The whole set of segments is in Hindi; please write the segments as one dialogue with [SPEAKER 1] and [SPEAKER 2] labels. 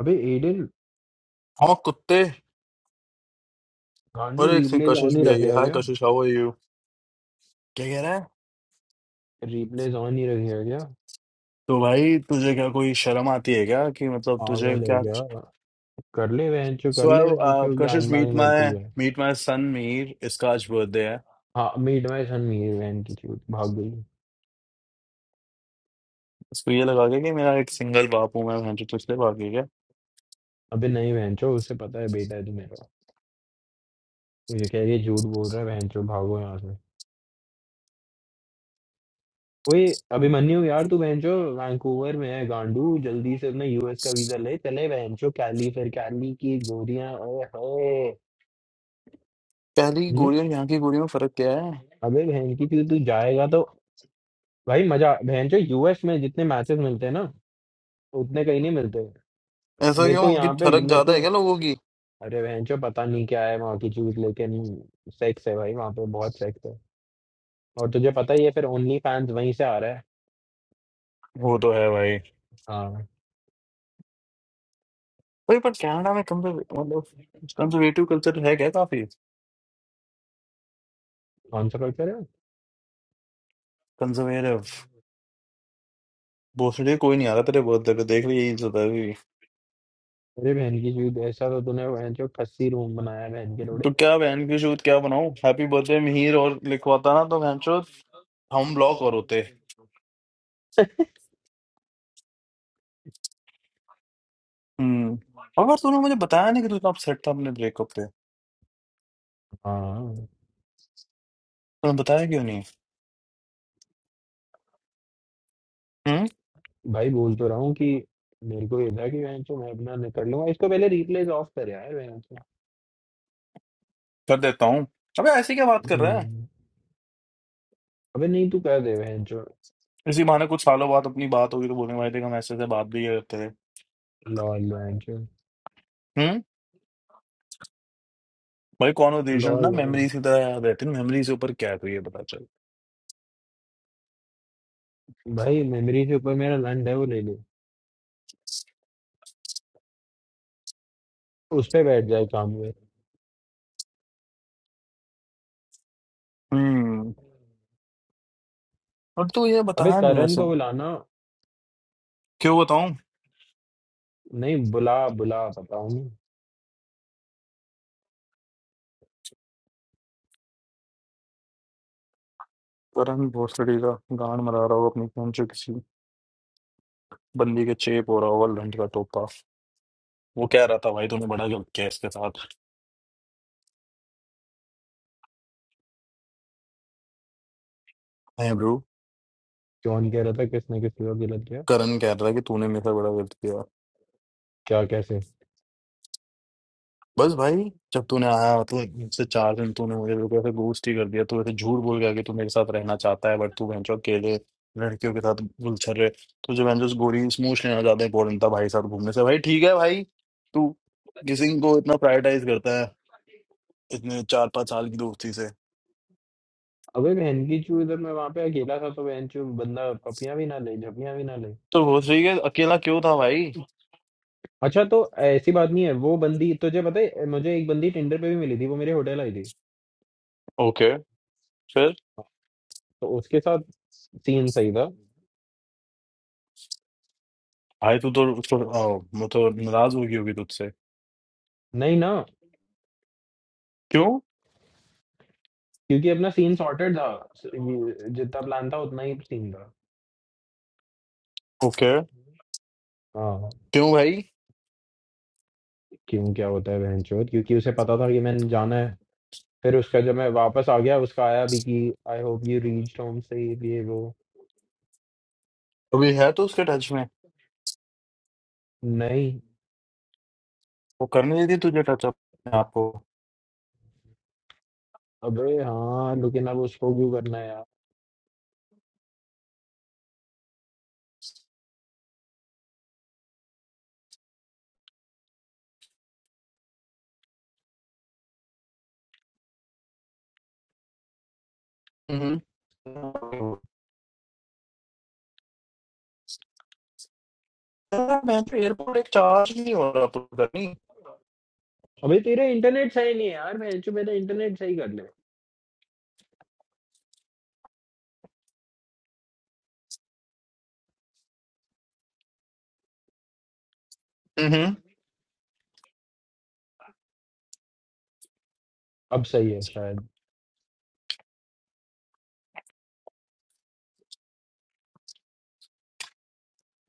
[SPEAKER 1] अबे एडिन
[SPEAKER 2] हाँ कुत्ते और
[SPEAKER 1] गांडू
[SPEAKER 2] एक से
[SPEAKER 1] रिप्लेस
[SPEAKER 2] कशिश
[SPEAKER 1] ऑन ही
[SPEAKER 2] भी आई है
[SPEAKER 1] रखेगा
[SPEAKER 2] हाय
[SPEAKER 1] क्या
[SPEAKER 2] कशिश हाउ आर यू क्या कह रहा है
[SPEAKER 1] रिप्लेस ऑन ही रखेगा क्या
[SPEAKER 2] तो भाई तुझे क्या कोई शर्म आती है क्या कि मतलब तुझे
[SPEAKER 1] पागल है
[SPEAKER 2] क्या
[SPEAKER 1] क्या कर ले वेंचो कर ले
[SPEAKER 2] सो
[SPEAKER 1] वेंचो
[SPEAKER 2] कशिश
[SPEAKER 1] गैंग बैंग
[SPEAKER 2] मीट
[SPEAKER 1] मेरे को
[SPEAKER 2] माय
[SPEAKER 1] गया
[SPEAKER 2] मीट माय सन मीर इसका आज बर्थडे है
[SPEAKER 1] हाँ मीट माय सन मेरी बहन की चूत भाग गई
[SPEAKER 2] उसको ये लगा के कि मेरा एक सिंगल बाप हूं मैं मैं जो पिछले बाकी क्या
[SPEAKER 1] अबे नहीं वेंचो उसे पता है बेटा है तू मेरा मुझे कह ये झूठ बोल रहा है वेंचो भागो यहाँ से ओए अभिमन्यु यार तू वेंचो वैंकूवर में है गांडू जल्दी से अपना यूएस का वीजा ले चले वेंचो कैली फिर कैली की गोरियां ओए होए
[SPEAKER 2] पहली की
[SPEAKER 1] हम्म?
[SPEAKER 2] गोली और यहाँ की गोली में फर्क क्या है
[SPEAKER 1] अबे बहन की चूत तू जाएगा तो भाई मजा बहन जो यूएस में जितने मैचेस मिलते हैं ना उतने कहीं नहीं मिलते
[SPEAKER 2] ऐसा
[SPEAKER 1] मेरे
[SPEAKER 2] क्यों
[SPEAKER 1] को
[SPEAKER 2] कि
[SPEAKER 1] यहाँ पे
[SPEAKER 2] फर्क
[SPEAKER 1] मेरे
[SPEAKER 2] ज्यादा
[SPEAKER 1] को
[SPEAKER 2] है क्या लोगों की
[SPEAKER 1] अरे बहन जो पता नहीं क्या है वहाँ की चीज लेकिन सेक्स है भाई वहाँ पे बहुत सेक्स है और तुझे पता ही है फिर ओनली फैंस वहीं से आ रहा है
[SPEAKER 2] वो तो है भाई
[SPEAKER 1] हाँ
[SPEAKER 2] भाई पर कनाडा में कंजर्व मतलब कंजर्वेटिव कल्चर है क्या काफी
[SPEAKER 1] कौन सा कल्चर है
[SPEAKER 2] कंजर्वेटिव भोसड़ी कोई नहीं आ रहा तेरे बर्थडे पे देख ले यही चलता है अभी भी।
[SPEAKER 1] अरे बहन की चीज ऐसा तो तूने बहन जो खस्सी रूम बनाया है बहन के लोड़े
[SPEAKER 2] तो क्या बहन की चोद क्या बनाऊं हैप्पी बर्थडे मिहिर और लिखवाता ना तो बहन चोद हम ब्लॉक और होते हम्म अगर तूने मुझे बताया नहीं कि तू इतना अपसेट था अपने ब्रेकअप पे
[SPEAKER 1] हाँ
[SPEAKER 2] तूने बताया क्यों नहीं हम्म
[SPEAKER 1] भाई बोल तो रहा हूँ कि मेरे को ये था कि बहन जो मैं अपना निकल लूंगा इसको पहले रिप्लेस ऑफ कर यार बहन जो
[SPEAKER 2] कर देता हूँ अबे ऐसी क्या बात कर रहा है
[SPEAKER 1] हम्म अबे नहीं तू कर दे बहन जो
[SPEAKER 2] इसी बहाने कुछ सालों बाद अपनी बात होगी तो बोलेंगे भाई देखो हम ऐसे ऐसे बात भी करते थे
[SPEAKER 1] लॉल वेंचर
[SPEAKER 2] हम्म भाई कॉन्वर्जेशन
[SPEAKER 1] लॉल
[SPEAKER 2] ना
[SPEAKER 1] मैन
[SPEAKER 2] मेमोरीज की तरह याद रहती है मेमोरी से ऊपर क्या है तो ये पता चल
[SPEAKER 1] भाई मेमोरी के ऊपर मेरा लंड है वो ले ले उस पे बैठ जाए काम पे
[SPEAKER 2] हम्म और तू ये
[SPEAKER 1] अबे
[SPEAKER 2] बताया नहीं
[SPEAKER 1] करण
[SPEAKER 2] ऐसे
[SPEAKER 1] को बुलाना
[SPEAKER 2] क्यों बताऊं
[SPEAKER 1] नहीं बुला बुला बताऊं
[SPEAKER 2] करण भोसड़ी का गांड मरा रहा होगा अपनी बहन जो किसी बंदी के चेप हो रहा होगा लंड का टोपा वो कह रहा था भाई तूने बड़ा गलत किया इसके साथ है ब्रो
[SPEAKER 1] क्यों नहीं कह रहा था किसने किसके साथ गलत किया
[SPEAKER 2] करण कह रहा है कि तूने मेरे साथ बड़ा गलत किया
[SPEAKER 1] क्या कैसे
[SPEAKER 2] बस भाई जब तूने आया मतलब मुझसे चार दिन तूने मुझे बिल्कुल ऐसे ghost ही कर दिया तू ऐसे झूठ बोल गया कि तू मेरे साथ रहना चाहता है बट तू बहनचो अकेले लड़कियों के साथ गुलछर रहे तुझे बहनचो गोरी स्मूच लेना ज्यादा इंपॉर्टेंट था भाई साथ घूमने से भाई ठीक है भाई तू किसिंग को इतना प्रायोरिटाइज करता है इतने चार पांच साल की दोस्ती से
[SPEAKER 1] अबे बहन की चू इधर मैं वहां पे अकेला था तो बहन चू बंदा पपियां भी ना ले झपियां भी ना ले
[SPEAKER 2] तो वो ठीक है अकेला क्यों था भाई
[SPEAKER 1] अच्छा तो ऐसी बात नहीं है वो बंदी तुझे पता है मुझे एक बंदी टिंडर पे भी मिली थी वो मेरे होटल आई थी
[SPEAKER 2] ओके फिर
[SPEAKER 1] तो उसके साथ सीन सही था
[SPEAKER 2] भाई तू तो तो- आओ, मैं तो नाराज हो गई होगी तुझसे
[SPEAKER 1] नहीं ना
[SPEAKER 2] क्यों
[SPEAKER 1] क्योंकि अपना सीन सॉर्टेड था स- ये- जितना प्लान था उतना ही सीन था
[SPEAKER 2] ओके
[SPEAKER 1] हाँ
[SPEAKER 2] क्यों भाई
[SPEAKER 1] क्यों क्या होता है बहनचोद क्योंकि उसे पता था कि मैंने जाना है फिर उसका जब मैं वापस आ गया उसका आया भी कि I hope you reached home safe ये वो
[SPEAKER 2] अभी है तो उसके टच में
[SPEAKER 1] नहीं
[SPEAKER 2] वो करने देती तुझे टच अप आपको
[SPEAKER 1] अबे हाँ लेकिन अब उसको क्यों करना है यार
[SPEAKER 2] हम्म यार, मैं तो एयरपोर्ट एक चार्ज नहीं हो रहा पूरा नहीं
[SPEAKER 1] अबे तेरा इंटरनेट सही नहीं है यार बहनचोद मेरा इंटरनेट सही कर ले
[SPEAKER 2] हम्म
[SPEAKER 1] अब सही है शायद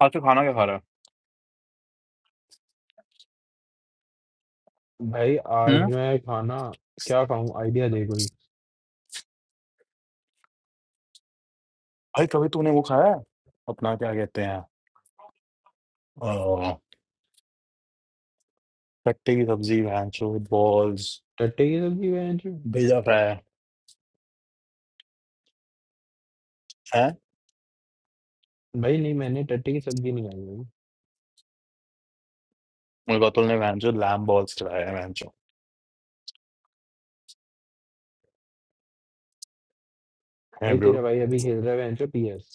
[SPEAKER 2] आज तो खाना क्या खा रहा है
[SPEAKER 1] भाई आज
[SPEAKER 2] हम्म
[SPEAKER 1] मैं खाना क्या खाऊं आइडिया दे कोई
[SPEAKER 2] भाई कभी तूने वो खाया है अपना क्या कहते हैं अह, कट्टे की सब्जी भैंचो बॉल्स
[SPEAKER 1] टट्टे की सब्जी बहनचोद
[SPEAKER 2] भेजा फ्राई है
[SPEAKER 1] भाई नहीं मैंने टट्टे की सब्जी नहीं खाई भाई
[SPEAKER 2] मुझे अतुल ने भैंचो लैम बॉल्स खिलाया है
[SPEAKER 1] भाई
[SPEAKER 2] भैंचो
[SPEAKER 1] तेरा भाई अभी खेल रहा है बहनचोद पीएस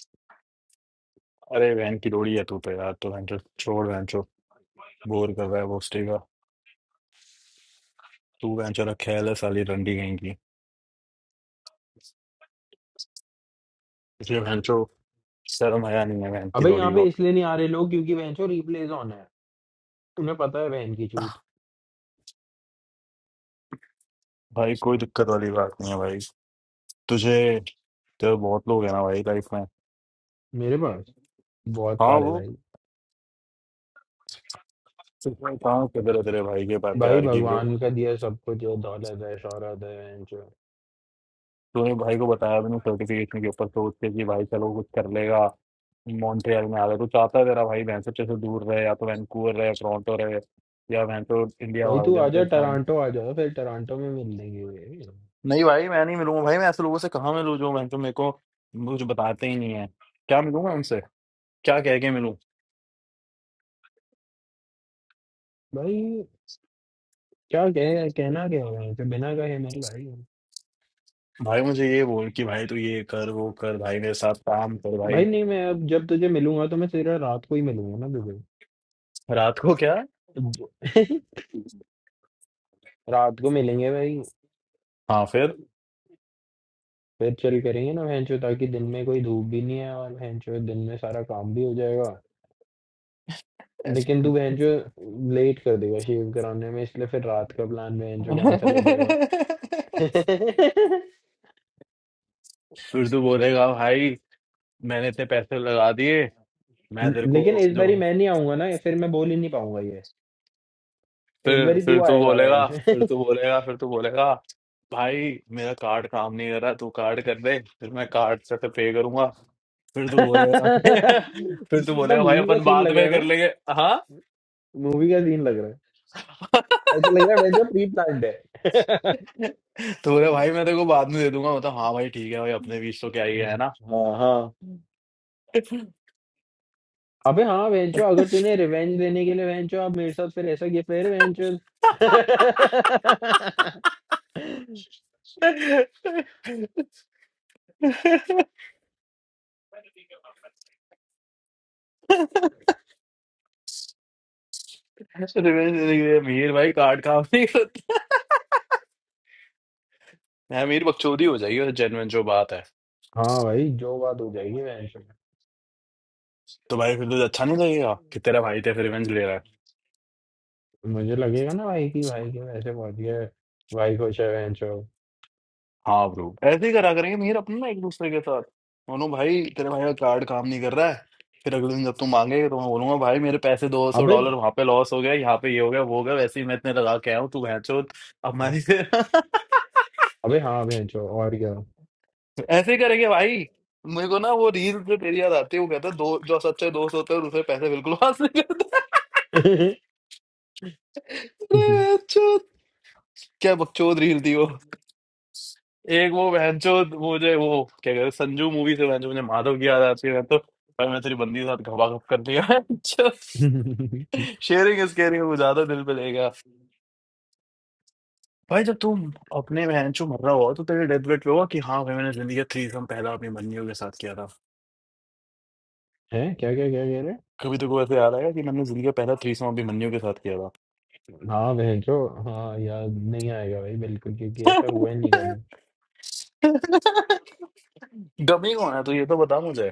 [SPEAKER 2] अरे बहन की रोड़ी है तू तो यार तो वेंचर छोड़ वेंचो बोर कर रहा है वो स्टेगा तू वेंचो रखे है साली रंडी कहीं की इसलिए वेंचो शर्म आया नहीं है बहन की
[SPEAKER 1] अबे यहाँ
[SPEAKER 2] रोड़ी को
[SPEAKER 1] पे इसलिए नहीं आ रहे लोग क्योंकि बहनचोद रिप्लेस ऑन है तुम्हें पता है बहन की चूत
[SPEAKER 2] भाई कोई दिक्कत वाली बात नहीं है भाई तुझे तेरे बहुत लोग हैं ना भाई लाइफ में
[SPEAKER 1] मेरे पास बहुत
[SPEAKER 2] हाँ
[SPEAKER 1] सारे
[SPEAKER 2] वो
[SPEAKER 1] भाई
[SPEAKER 2] सिर्फ कहाँ कदर है तेरे भाई के पा-
[SPEAKER 1] भाई
[SPEAKER 2] प्यार की ब्रो
[SPEAKER 1] भगवान का दिया सब कुछ है दौलत है शौहरत है बहन चो
[SPEAKER 2] तूने भाई को बताया भी नहीं सर्टिफिकेशन के ऊपर सोच के कि भाई चलो कुछ कर लेगा मॉन्ट्रियल में आ गया तो चाहता है तेरा भाई वैनसे से दूर रहे या तो वैंकूवर रहे टोरंटो रहे या वैन तो इंडिया
[SPEAKER 1] भाई
[SPEAKER 2] भाग
[SPEAKER 1] तू आ जा
[SPEAKER 2] जाओ
[SPEAKER 1] टोरंटो आ जाओ फिर टोरंटो में मिल लेंगे भाई
[SPEAKER 2] नहीं भाई मैं नहीं मिलूंगा भाई मैं ऐसे लोगों से कहाँ मिलूँ जो मैं तो मेरे को मुझे बताते ही नहीं है क्या मिलूंगा उनसे क्या कह के मिलूं
[SPEAKER 1] भाई, क्या कह कहना क्या है तो बिना कहे मिल भाई
[SPEAKER 2] भाई मुझे ये बोल कि भाई तू ये कर वो कर भाई मेरे साथ काम कर भाई
[SPEAKER 1] भाई नहीं मैं अब जब तुझे मिलूंगा तो मैं तेरा रात को ही मिलूंगा ना तुझे
[SPEAKER 2] रात को क्या
[SPEAKER 1] रात को मिलेंगे भाई
[SPEAKER 2] हाँ फिर
[SPEAKER 1] फिर चल करेंगे ना भैंचो ताकि दिन में कोई धूप भी नहीं है और भैंचो दिन में सारा काम भी हो जाएगा लेकिन तू बहनचो लेट कर देगा शेव कराने में इसलिए फिर रात का प्लान बहनचो कैंसिल हो जाएगा
[SPEAKER 2] फिर तू बोलेगा भाई मैंने इतने पैसे लगा दिए मैं
[SPEAKER 1] न-
[SPEAKER 2] तेरे को
[SPEAKER 1] लेकिन इस बारी
[SPEAKER 2] जो
[SPEAKER 1] मैं नहीं आऊंगा ना फिर मैं बोल ही नहीं पाऊंगा ये इस
[SPEAKER 2] फिर
[SPEAKER 1] बारी
[SPEAKER 2] फिर
[SPEAKER 1] तू
[SPEAKER 2] तू
[SPEAKER 1] आएगा
[SPEAKER 2] बोलेगा
[SPEAKER 1] बहनचो
[SPEAKER 2] फिर तू बोलेगा फिर तू बोलेगा भाई मेरा कार्ड काम नहीं कर रहा तू कार्ड कर दे फिर मैं कार्ड से तो पे करूंगा फिर तू बोलेगा कि- फिर तू
[SPEAKER 1] कितना
[SPEAKER 2] बोलेगा भाई
[SPEAKER 1] मूवी का
[SPEAKER 2] अपन
[SPEAKER 1] सीन
[SPEAKER 2] बाद
[SPEAKER 1] लग रहा
[SPEAKER 2] में
[SPEAKER 1] है
[SPEAKER 2] कर
[SPEAKER 1] ना
[SPEAKER 2] लेंगे हाँ
[SPEAKER 1] मूवी का सीन लग रहा है ऐसा लग रहा है बहनचो प्री प्लान्ड है
[SPEAKER 2] तो बोले भाई मैं तेरे को बाद में दे दूंगा मतलब हाँ भाई ठीक है भाई अपने बीच तो क्या ही है ना
[SPEAKER 1] हाँ हाँ अबे हाँ बहनचो अगर तूने रिवेंज लेने के लिए बहनचो आप मेरे साथ फिर ऐसा किया फिर बहनचो हाँ
[SPEAKER 2] रिवेंज अमीर भाई कार्ड काम नहीं करता अमीर बकचोदी हो जाएगी जेनवन जो बात है
[SPEAKER 1] भाई जो बात हो जाएगी वैसे
[SPEAKER 2] तो भाई फिर तुझे अच्छा नहीं लगेगा कि तेरा भाई तेरे रिवेंज ले रहा है
[SPEAKER 1] मुझे लगेगा ना भाई कि भाई की वैसे पहुंच गया भाई खुश है बहन चो
[SPEAKER 2] हाँ ब्रो ऐसे ही करा करेंगे मेहर अपने ना एक दूसरे के साथ मानो भाई तेरे भाई का कार्ड काम नहीं कर रहा है फिर अगले दिन जब तुम मांगेगा तो मैं बोलूंगा भाई मेरे पैसे दो सौ
[SPEAKER 1] अबे
[SPEAKER 2] डॉलर वहां पे लॉस हो गया यहाँ पे ये हो गया वो हो गया वैसे ही मैं इतने लगा के आया हूँ तू भैंचोद अब हमारी से
[SPEAKER 1] अबे हाँ बहन चो और क्या
[SPEAKER 2] ऐसे ही करेंगे भाई मेरे को ना वो रील से तेरी याद आती है वो कहता है दो जो सच्चे दोस्त होते हैं उनसे पैसे बिल्कुल वापस नहीं करते अरे भैंचोद, क्या बकचोद रील थी वो एक वो बहनचोद मुझे वो क्या कहते हैं संजू मूवी से बहनचोद मुझे माधव की याद आती है मैं तो भाई मैं तेरी बंदी के साथ घपा घप कर दिया शेयरिंग इज केयरिंग वो ज्यादा दिल पे लेगा भाई जब तुम अपने बहनचोद मर रहा हो तो तेरे डेथ बेड पे होगा कि हाँ भाई मैंने जिंदगी का थ्रीसम पहला अपनी बंदियों के साथ किया था
[SPEAKER 1] है क्या क्या क्या कह रहे
[SPEAKER 2] कभी तो को ऐसे याद आएगा कि मैंने जिंदगी का पहला थ्रीसम अपनी बंदियों के साथ किया था
[SPEAKER 1] हाँ बहन चो हाँ याद नहीं आएगा भाई बिल्कुल क्योंकि ऐसा हुआ ही नहीं
[SPEAKER 2] गमी कौन है तो ये तो बता मुझे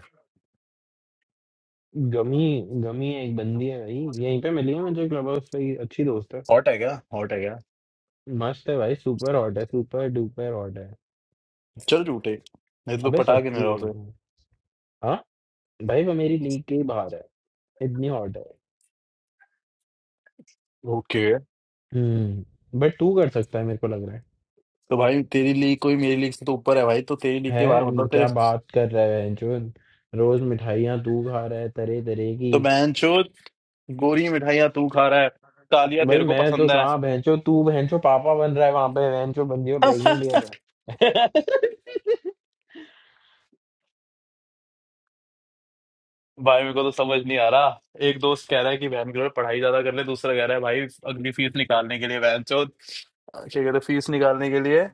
[SPEAKER 1] गमी गमी एक बंदी है भाई यहीं पे मिली है मुझे क्लब हाउस पे ही, अच्छी दोस्त है
[SPEAKER 2] हॉट है क्या हॉट है क्या
[SPEAKER 1] मस्त है भाई सुपर हॉट है सुपर डुपर हॉट है
[SPEAKER 2] चल झूठे नहीं तो तू
[SPEAKER 1] अबे
[SPEAKER 2] पटा के
[SPEAKER 1] सच्ची
[SPEAKER 2] मेरा उसे
[SPEAKER 1] है हाँ भाई वो मेरी लीग के ही बाहर है इतनी हॉट है
[SPEAKER 2] ओके
[SPEAKER 1] हम्म बट तू कर सकता है मेरे को लग रहा है
[SPEAKER 2] तो भाई तेरी लीग कोई मेरी लीग से तो ऊपर है भाई तो तेरी लीग के बाहर
[SPEAKER 1] है
[SPEAKER 2] मतलब तेरे
[SPEAKER 1] क्या बात कर रहा है जो रोज मिठाइयाँ तू खा रहा है तरह तरह की
[SPEAKER 2] तो बहन चोद गोरी मिठाइयाँ तू खा रहा है कालिया
[SPEAKER 1] भाई
[SPEAKER 2] तेरे को
[SPEAKER 1] मैं तो
[SPEAKER 2] पसंद है
[SPEAKER 1] कहाँ भैंचो तू भैंचो पापा बन रहा है वहां पे भैंचो बंदी को प्रेग्नेंट कर
[SPEAKER 2] भाई
[SPEAKER 1] रहा है
[SPEAKER 2] मेरे को तो समझ नहीं आ रहा एक दोस्त कह रहा है कि बहन की पढ़ाई ज्यादा कर ले दूसरा कह रहा है भाई अगली फीस निकालने के लिए बहन चोद क्या कहते हैं, फीस निकालने के लिए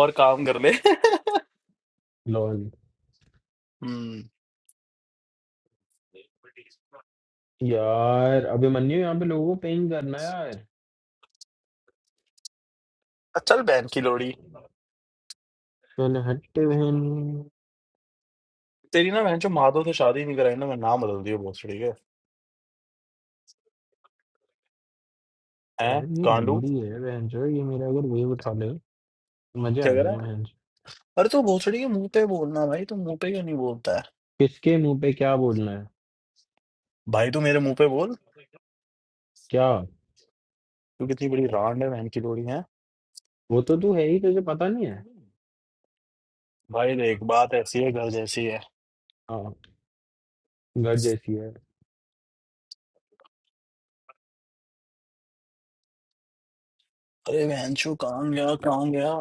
[SPEAKER 2] और काम कर ले
[SPEAKER 1] लॉल
[SPEAKER 2] हम्म
[SPEAKER 1] यार अभिमन्यु यहाँ पे लोगों को पेइंग करना है यार
[SPEAKER 2] चल बहन की लोड़ी
[SPEAKER 1] चल हट बहन
[SPEAKER 2] तेरी ना बहन जो माधो से शादी नहीं कराई ना मैं नाम बदल दिया बहुत ठीक है हैं?
[SPEAKER 1] यार ये
[SPEAKER 2] कांडू
[SPEAKER 1] बंदी है बहन जो ये मेरा अगर वेव उठा ले मजे आ
[SPEAKER 2] क्या
[SPEAKER 1] जाए बहन
[SPEAKER 2] अरे तो भोसड़ी के मुंह पे बोलना भाई तू मुंह पे क्यों नहीं बोलता है
[SPEAKER 1] किसके मुंह पे क्या बोलना है
[SPEAKER 2] भाई तू मेरे मुंह पे बोल
[SPEAKER 1] क्या
[SPEAKER 2] तू कितनी बड़ी रांड है बहन की लोड़ी है
[SPEAKER 1] वो तो तू है ही तुझे पता नहीं है
[SPEAKER 2] भाई देख बात ऐसी है घर जैसी है
[SPEAKER 1] हाँ घर जैसी है
[SPEAKER 2] अरे बहन चो कहाँ गया कहाँ गया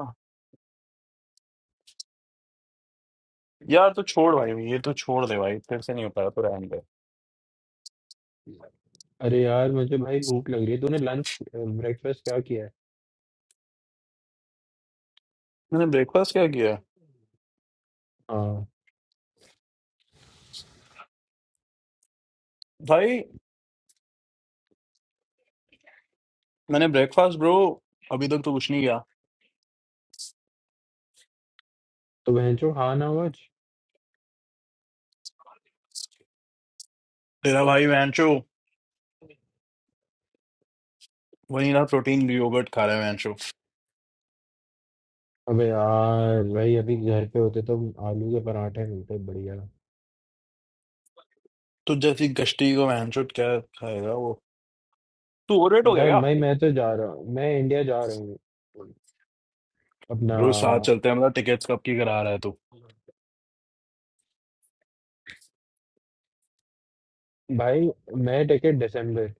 [SPEAKER 2] यार तू छोड़ भाई ये तो छोड़ दे भाई फिर से नहीं हो पाया तो रहने दे
[SPEAKER 1] अरे यार मुझे भाई भूख लग रही है तूने लंच ब्रेकफास्ट क्या किया है
[SPEAKER 2] मैंने ब्रेकफास्ट क्या किया है?
[SPEAKER 1] हाँ
[SPEAKER 2] भाई मैंने ब्रेकफास्ट ब्रो अभी तक तो कुछ नहीं किया
[SPEAKER 1] तो बहन चो खा ना आज
[SPEAKER 2] तेरा भाई बहन चो वनीला प्रोटीन योगर्ट खा रहा है बहन चो
[SPEAKER 1] अबे यार भाई अभी घर पे होते तो आलू के पराठे मिलते बढ़िया
[SPEAKER 2] तो जैसी गश्ती को बहन चो क्या खाएगा वो तू ओरेट हो गया
[SPEAKER 1] यार
[SPEAKER 2] क्या?
[SPEAKER 1] भाई मैं तो जा रहा हूँ मैं इंडिया जा रहा हूँ अपना
[SPEAKER 2] ब्रो साथ चलते हैं मतलब टिकट्स कब की करा रहा है तू
[SPEAKER 1] भाई मैं टिकट दिसंबर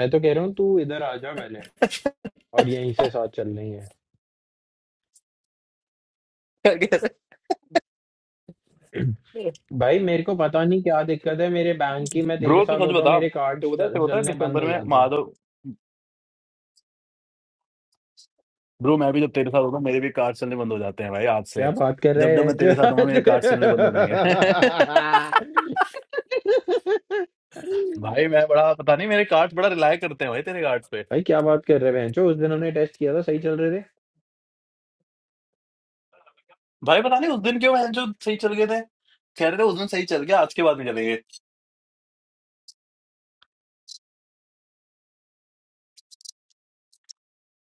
[SPEAKER 1] मैं तो कह रहा हूँ तू इधर आ जा पहले
[SPEAKER 2] क्या
[SPEAKER 1] और यहीं से साथ चल रही है
[SPEAKER 2] कह रहे हो?
[SPEAKER 1] भाई मेरे को पता नहीं क्या दिक्कत है मेरे बैंक की मैं तेरे
[SPEAKER 2] ब्रो तू
[SPEAKER 1] साथ
[SPEAKER 2] सच
[SPEAKER 1] होता हूँ
[SPEAKER 2] बता
[SPEAKER 1] मेरे कार्ड
[SPEAKER 2] तेरे को पता है तेरे को पता है
[SPEAKER 1] चलने बंद
[SPEAKER 2] दिसंबर
[SPEAKER 1] हो
[SPEAKER 2] में
[SPEAKER 1] जाते हैं
[SPEAKER 2] माधव ब्रो मैं भी जब तेरे साथ होता हूँ मेरे भी कार्ड चलने बंद हो जाते हैं भाई आज
[SPEAKER 1] क्या
[SPEAKER 2] से
[SPEAKER 1] बात कर
[SPEAKER 2] जब
[SPEAKER 1] रहे
[SPEAKER 2] जब
[SPEAKER 1] हैं
[SPEAKER 2] मैं
[SPEAKER 1] जो-
[SPEAKER 2] तेरे साथ हूँ मेरे कार्ड चलने बंद हो जाएंगे भाई मैं बड़ा पता नहीं मेरे कार्ड्स बड़ा रिलाय करते हैं भाई तेरे कार्ड्स पे
[SPEAKER 1] भाई क्या बात कर रहे हैं जो उस दिन हमने टेस्ट किया था सही चल रहे थे
[SPEAKER 2] भाई पता नहीं उस दिन क्यों हैं जो सही चल गए थे कह रहे थे उस दिन सही चल गया आज के बाद नहीं चलेंगे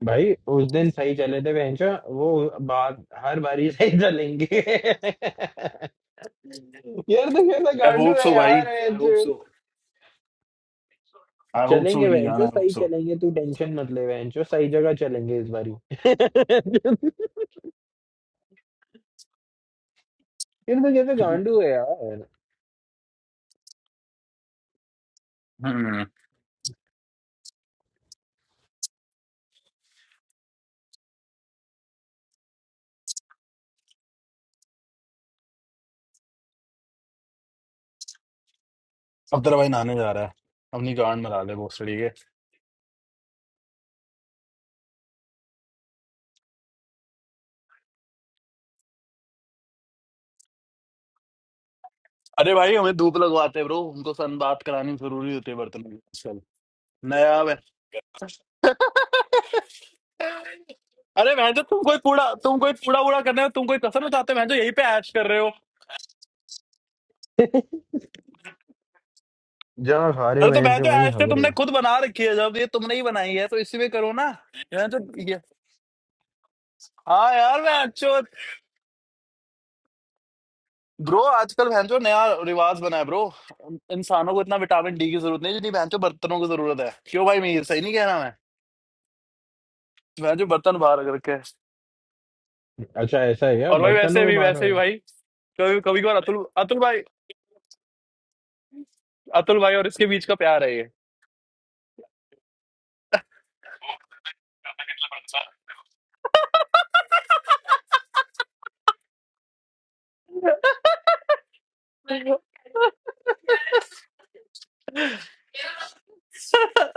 [SPEAKER 1] भाई उस दिन सही चले थे बेंचो वो बाद हर बारी सही चलेंगे यार तो कैसा
[SPEAKER 2] आई
[SPEAKER 1] गांडू
[SPEAKER 2] होप
[SPEAKER 1] है
[SPEAKER 2] सो भाई
[SPEAKER 1] यार
[SPEAKER 2] I hope
[SPEAKER 1] बेंचो
[SPEAKER 2] so I hope so
[SPEAKER 1] चलेंगे
[SPEAKER 2] मेरी जान
[SPEAKER 1] बेंचो
[SPEAKER 2] आई होप
[SPEAKER 1] सही
[SPEAKER 2] सो
[SPEAKER 1] चलेंगे तू टेंशन मत ले बेंचो सही जगह चलेंगे इस बारी यार तो कैसा गांडू है यार
[SPEAKER 2] अब तेरा भाई नहाने जा रहा है अपनी गांड मरा ले बोस के अरे भाई हमें धूप लगवाते हैं ब्रो उनको सन बात करानी जरूरी होती है बर्तनों की आजकल नया वे- अरे मैं तो तुम कोई कूड़ा तुम कोई कूड़ा वूड़ा करने हो तुम कोई कसर उठाते हो मैं तो यही पे ऐश कर रहे हो
[SPEAKER 1] जहाँ खा रहे हो
[SPEAKER 2] अरे तो मैं
[SPEAKER 1] बेंचो
[SPEAKER 2] तो
[SPEAKER 1] वहीं
[SPEAKER 2] ऐश तो
[SPEAKER 1] हग रहे
[SPEAKER 2] तुमने
[SPEAKER 1] हो
[SPEAKER 2] खुद बना रखी है जब ये तुमने ही बनाई है तो इसी में करो ना मैं तो ये हाँ यार मैं ब्रो आजकल भैंचो नया रिवाज बना है ब्रो इंसानों को इतना विटामिन डी की जरूरत नहीं जितनी भैंचो बर्तनों की जरूरत है क्यों भाई मीर सही नहीं कह रहा मैं भैंचो बर्तन बाहर रख रखे हैं।
[SPEAKER 1] अच्छा ऐसा है क्या
[SPEAKER 2] और भाई वैसे
[SPEAKER 1] बर्तनों
[SPEAKER 2] भी
[SPEAKER 1] को खा रहे
[SPEAKER 2] वैसे भी
[SPEAKER 1] हो
[SPEAKER 2] भाई कभी कभी कभार अतुल अतुल भाई अतुल भाई और इसके बीच का प्यार है ये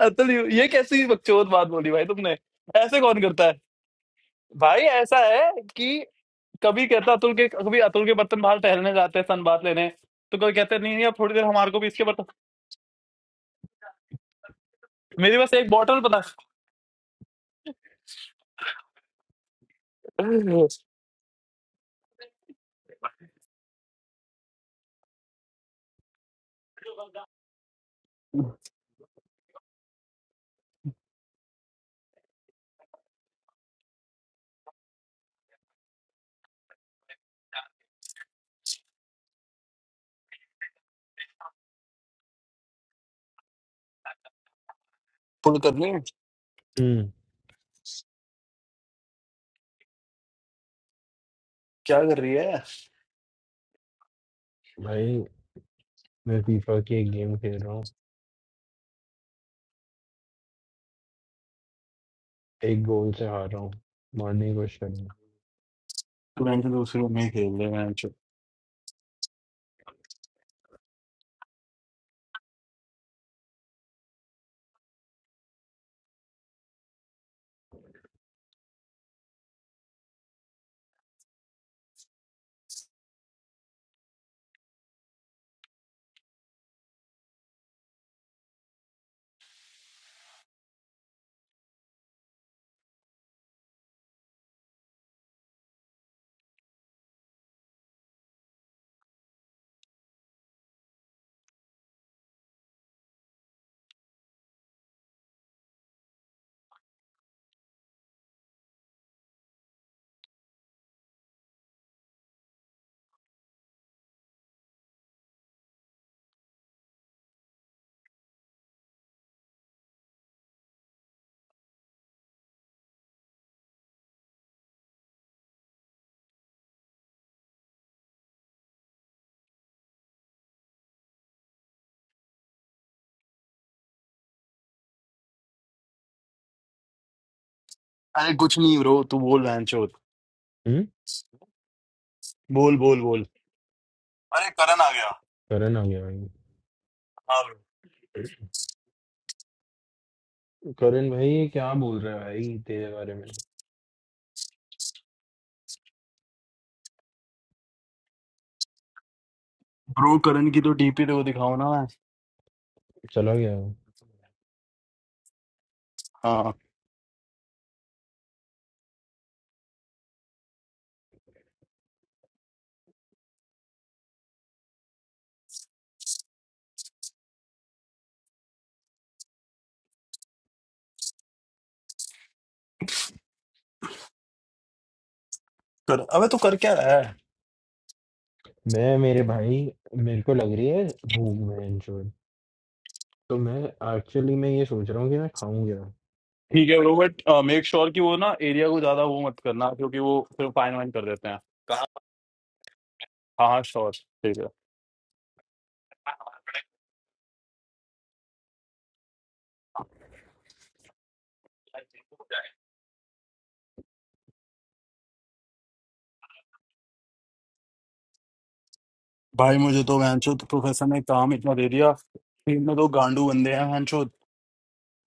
[SPEAKER 2] अतुल ये कैसी बकचोद बात बोली भाई तुमने ऐसे कौन करता है भाई ऐसा है कि कभी कहता अतुल के कभी अतुल के बर्तन बाहर टहलने जाते हैं सन बात लेने तो कोई कहते नहीं नहीं अब थोड़ी देर हमारे को भी इसके बर्तन मेरी बस एक बॉटल पता फुल करनी है
[SPEAKER 1] हम्म
[SPEAKER 2] क्या कर रही है
[SPEAKER 1] भाई मैं फीफा की एक गेम खेल रहा हूँ एक गोल से हार रहा हूँ मारने की कोशिश कर रहा हूँ
[SPEAKER 2] तू बहन चोद दूसरे रूम में ही खेल रहे हैं अरे कुछ नहीं ब्रो तू बोल बहन चोद
[SPEAKER 1] हम्म
[SPEAKER 2] बोल बोल बोल अरे करण आ गया
[SPEAKER 1] करन आ गया भाई
[SPEAKER 2] हाँ
[SPEAKER 1] करण भाई क्या बोल रहा है भाई तेरे बारे में
[SPEAKER 2] ब्रो करण की तो डीपी तो दिखाओ ना मैं
[SPEAKER 1] चला गया वो।
[SPEAKER 2] हाँ कर अबे तू कर क्या रहा है
[SPEAKER 1] मैं मेरे भाई मेरे को लग रही है भूख बहन चोद तो मैं एक्चुअली मैं ये सोच रहा हूँ कि मैं खाऊं क्या
[SPEAKER 2] ठीक है ब्रो बट मेक श्योर कि वो ना एरिया को ज्यादा वो मत करना क्योंकि वो फिर फाइन वाइन कर देते हैं कहाँ हाँ हाँ श्योर ठीक है भाई मुझे तो वैनचो प्रोफेसर ने काम इतना दे दिया टीम में तो गांडू बंदे हैं वैनचो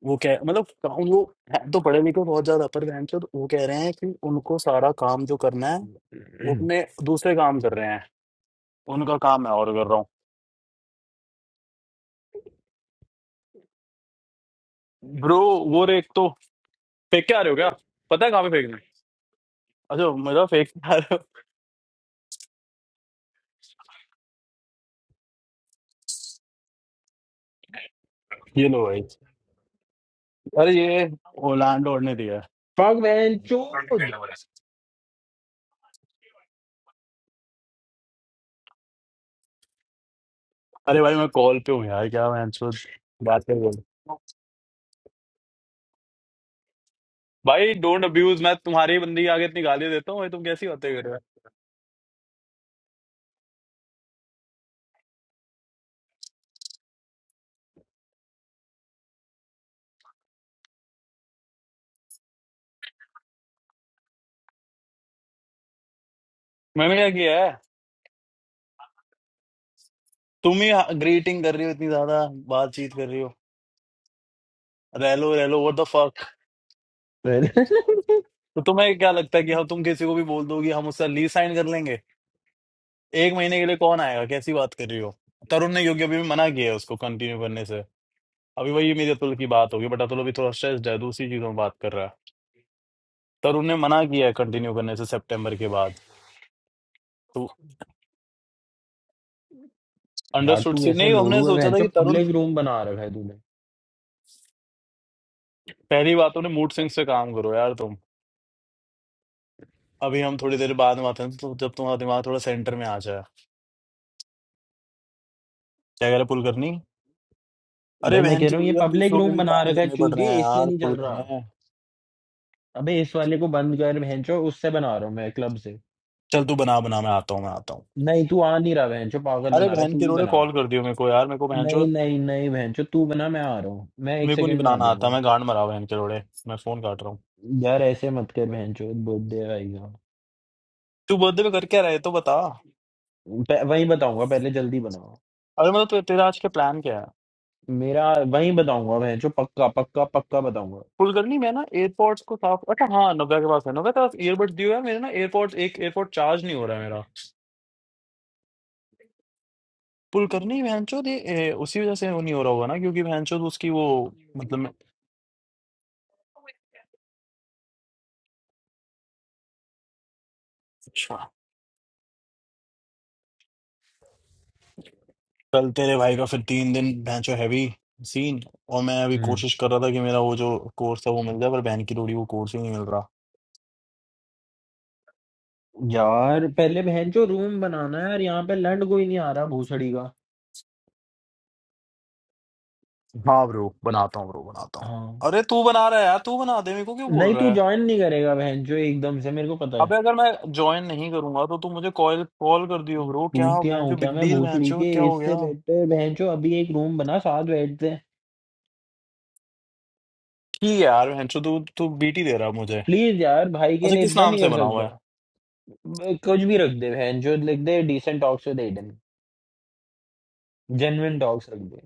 [SPEAKER 2] वो कह मतलब काम वो हैं तो पढ़े लिखे बहुत ज्यादा पर वैनचो वो कह रहे हैं कि उनको सारा काम जो करना है वो अपने दूसरे काम कर रहे हैं उनका काम मैं और कर रहा हूँ ब्रो वो एक तो फेंक के आ रहे हो क्या पता है कहाँ पे फेंकना है अच्छा मतलब फेंक के आ रहे हो ये लो भाई अरे ये ओलांडो ने दिया
[SPEAKER 1] फक बहन
[SPEAKER 2] है।
[SPEAKER 1] चोद
[SPEAKER 2] अरे भाई मैं कॉल पे हूँ यार क्या मैं बात कर रहा हूँ भाई डोंट अब्यूज मैं तुम्हारी बंदी के आगे इतनी गाली देता हूँ भाई तुम कैसी बातें कर रहे हो मैंने क्या किया है तुम ही ग्रीटिंग कर रही हो इतनी ज्यादा बातचीत कर रही हो रैलो रैलो व्हाट द फक तो तुम्हें क्या लगता है कि हम तुम किसी को भी बोल दोगी हम उससे ली साइन कर लेंगे एक महीने के लिए कौन आएगा कैसी बात कर रही हो तरुण ने क्योंकि अभी भी मना किया है उसको कंटिन्यू करने से अभी वही मेरी अतुल की बात होगी बट अतुल अभी थोड़ा स्ट्रेस्ड है दूसरी चीजों में बात कर रहा है तरुण ने मना किया है कंटिन्यू करने से सितंबर के बाद तो
[SPEAKER 1] यार
[SPEAKER 2] अंडरस्टूड
[SPEAKER 1] तू
[SPEAKER 2] सी
[SPEAKER 1] ऐसे
[SPEAKER 2] नहीं हमने
[SPEAKER 1] लोड़ू है
[SPEAKER 2] सोचा
[SPEAKER 1] बहन
[SPEAKER 2] था
[SPEAKER 1] चोद।
[SPEAKER 2] कि तरुण
[SPEAKER 1] पब्लिक रूम बना रखा है तूने
[SPEAKER 2] पहली बात तुमने मूड स्विंग्स पे काम करो यार तुम अभी हम थोड़ी देर बाद में आते हैं तो जब तुम्हारा दिमाग थोड़ा सेंटर में आ जाए क्या कह रहे पुल करनी
[SPEAKER 1] भाई
[SPEAKER 2] अरे
[SPEAKER 1] मैं
[SPEAKER 2] बहन
[SPEAKER 1] कह
[SPEAKER 2] की
[SPEAKER 1] रहा हूँ ये
[SPEAKER 2] लुड़िया
[SPEAKER 1] पब्लिक
[SPEAKER 2] दूसरों के
[SPEAKER 1] रूम
[SPEAKER 2] भी
[SPEAKER 1] बना
[SPEAKER 2] काम
[SPEAKER 1] रखा है
[SPEAKER 2] करने पड़ रहे
[SPEAKER 1] चूतिए
[SPEAKER 2] हैं
[SPEAKER 1] इसलिए
[SPEAKER 2] यार
[SPEAKER 1] नहीं चल
[SPEAKER 2] पुल
[SPEAKER 1] रहा
[SPEAKER 2] करने हैं
[SPEAKER 1] अबे इस वाले को बंद कर बहन चोद, उससे बना रहा हूँ मैं क्लब से
[SPEAKER 2] चल तू बना बना मैं आता हूँ मैं आता हूँ
[SPEAKER 1] नहीं तू आ नहीं रहा बहन चोद, पागल
[SPEAKER 2] अरे
[SPEAKER 1] बना रहा है
[SPEAKER 2] बहन
[SPEAKER 1] तू
[SPEAKER 2] के
[SPEAKER 1] ही
[SPEAKER 2] रोड़े
[SPEAKER 1] बना
[SPEAKER 2] कॉल कर दियो मेरे को यार मेरे को बहन चो
[SPEAKER 1] नहीं नहीं नहीं बहन चो तू बना मैं आ रहा हूँ मैं एक
[SPEAKER 2] मेरे को नहीं
[SPEAKER 1] सेकंड में आ
[SPEAKER 2] बनाना आता
[SPEAKER 1] जाऊंगा
[SPEAKER 2] मैं गांड मरा बहन के रोड़े मैं फोन काट रहा हूँ
[SPEAKER 1] यार ऐसे मत कर बहन चो बर्थडे आएगा
[SPEAKER 2] तू बर्थडे पे कर क्या रहे तो बता
[SPEAKER 1] प- वहीं बताऊंगा पहले जल्दी बनाओ
[SPEAKER 2] अरे मतलब ते, तेरा आज का प्लान क्या है
[SPEAKER 1] मेरा वहीं बताऊंगा बहन चो पक्का पक्का पक्का बताऊंगा
[SPEAKER 2] कुलकर्णी मैं ना एयरपोर्ट्स को साफ अच्छा हाँ नव्या के पास है नव्या के पास ईयरबड दियो है मेरे ना एयरपोर्ट एक एयरपोर्ट चार्ज नहीं हो रहा है मेरा कुलकर्णी भैनचोद ये ए, उसी वजह से वो नहीं हो रहा होगा ना क्योंकि भैनचोद उसकी वो मतलब मैं- अच्छा कल तेरे भाई का फिर तीन दिन भैनचो हैवी सीन और मैं अभी
[SPEAKER 1] हम्म
[SPEAKER 2] कोशिश कर रहा था कि मेरा वो जो कोर्स है वो मिल जाए पर बहन की लोड़ी वो कोर्स ही नहीं मिल रहा
[SPEAKER 1] यार पहले बहन चो रूम बनाना है यार यहाँ पे लैंड कोई नहीं आ रहा भूसड़ी का
[SPEAKER 2] हाँ ब्रो बनाता हूँ ब्रो बनाता हूँ
[SPEAKER 1] हाँ
[SPEAKER 2] अरे तू बना रहा है यार तू बना दे मेरे को क्यों बोल
[SPEAKER 1] नहीं
[SPEAKER 2] रहा
[SPEAKER 1] तू
[SPEAKER 2] है
[SPEAKER 1] ज्वाइन नहीं करेगा बहन चो एकदम से मेरे को पता है
[SPEAKER 2] अबे अगर मैं ज्वाइन नहीं करूंगा तो तू मुझे कॉल कॉल कर दियो ब्रो क्या
[SPEAKER 1] टूटिया हूँ
[SPEAKER 2] भैंचो
[SPEAKER 1] क्या
[SPEAKER 2] बिग
[SPEAKER 1] मैं
[SPEAKER 2] डील
[SPEAKER 1] भूसड़ी
[SPEAKER 2] भैंचो
[SPEAKER 1] के
[SPEAKER 2] क्या हो
[SPEAKER 1] इससे
[SPEAKER 2] गया
[SPEAKER 1] बेटर बहन चो अभी एक रूम बना साथ बैठते हैं
[SPEAKER 2] ठीक है यार भैंचो तू तू बीटी दे रहा मुझे
[SPEAKER 1] प्लीज यार भाई के
[SPEAKER 2] अच्छा
[SPEAKER 1] लिए
[SPEAKER 2] किस
[SPEAKER 1] इतना
[SPEAKER 2] नाम
[SPEAKER 1] नहीं
[SPEAKER 2] से
[SPEAKER 1] कर
[SPEAKER 2] बना हुआ है
[SPEAKER 1] सकता कुछ भी रख दे बहन जो लिख दे decent talks with Aidan genuine talks रख दे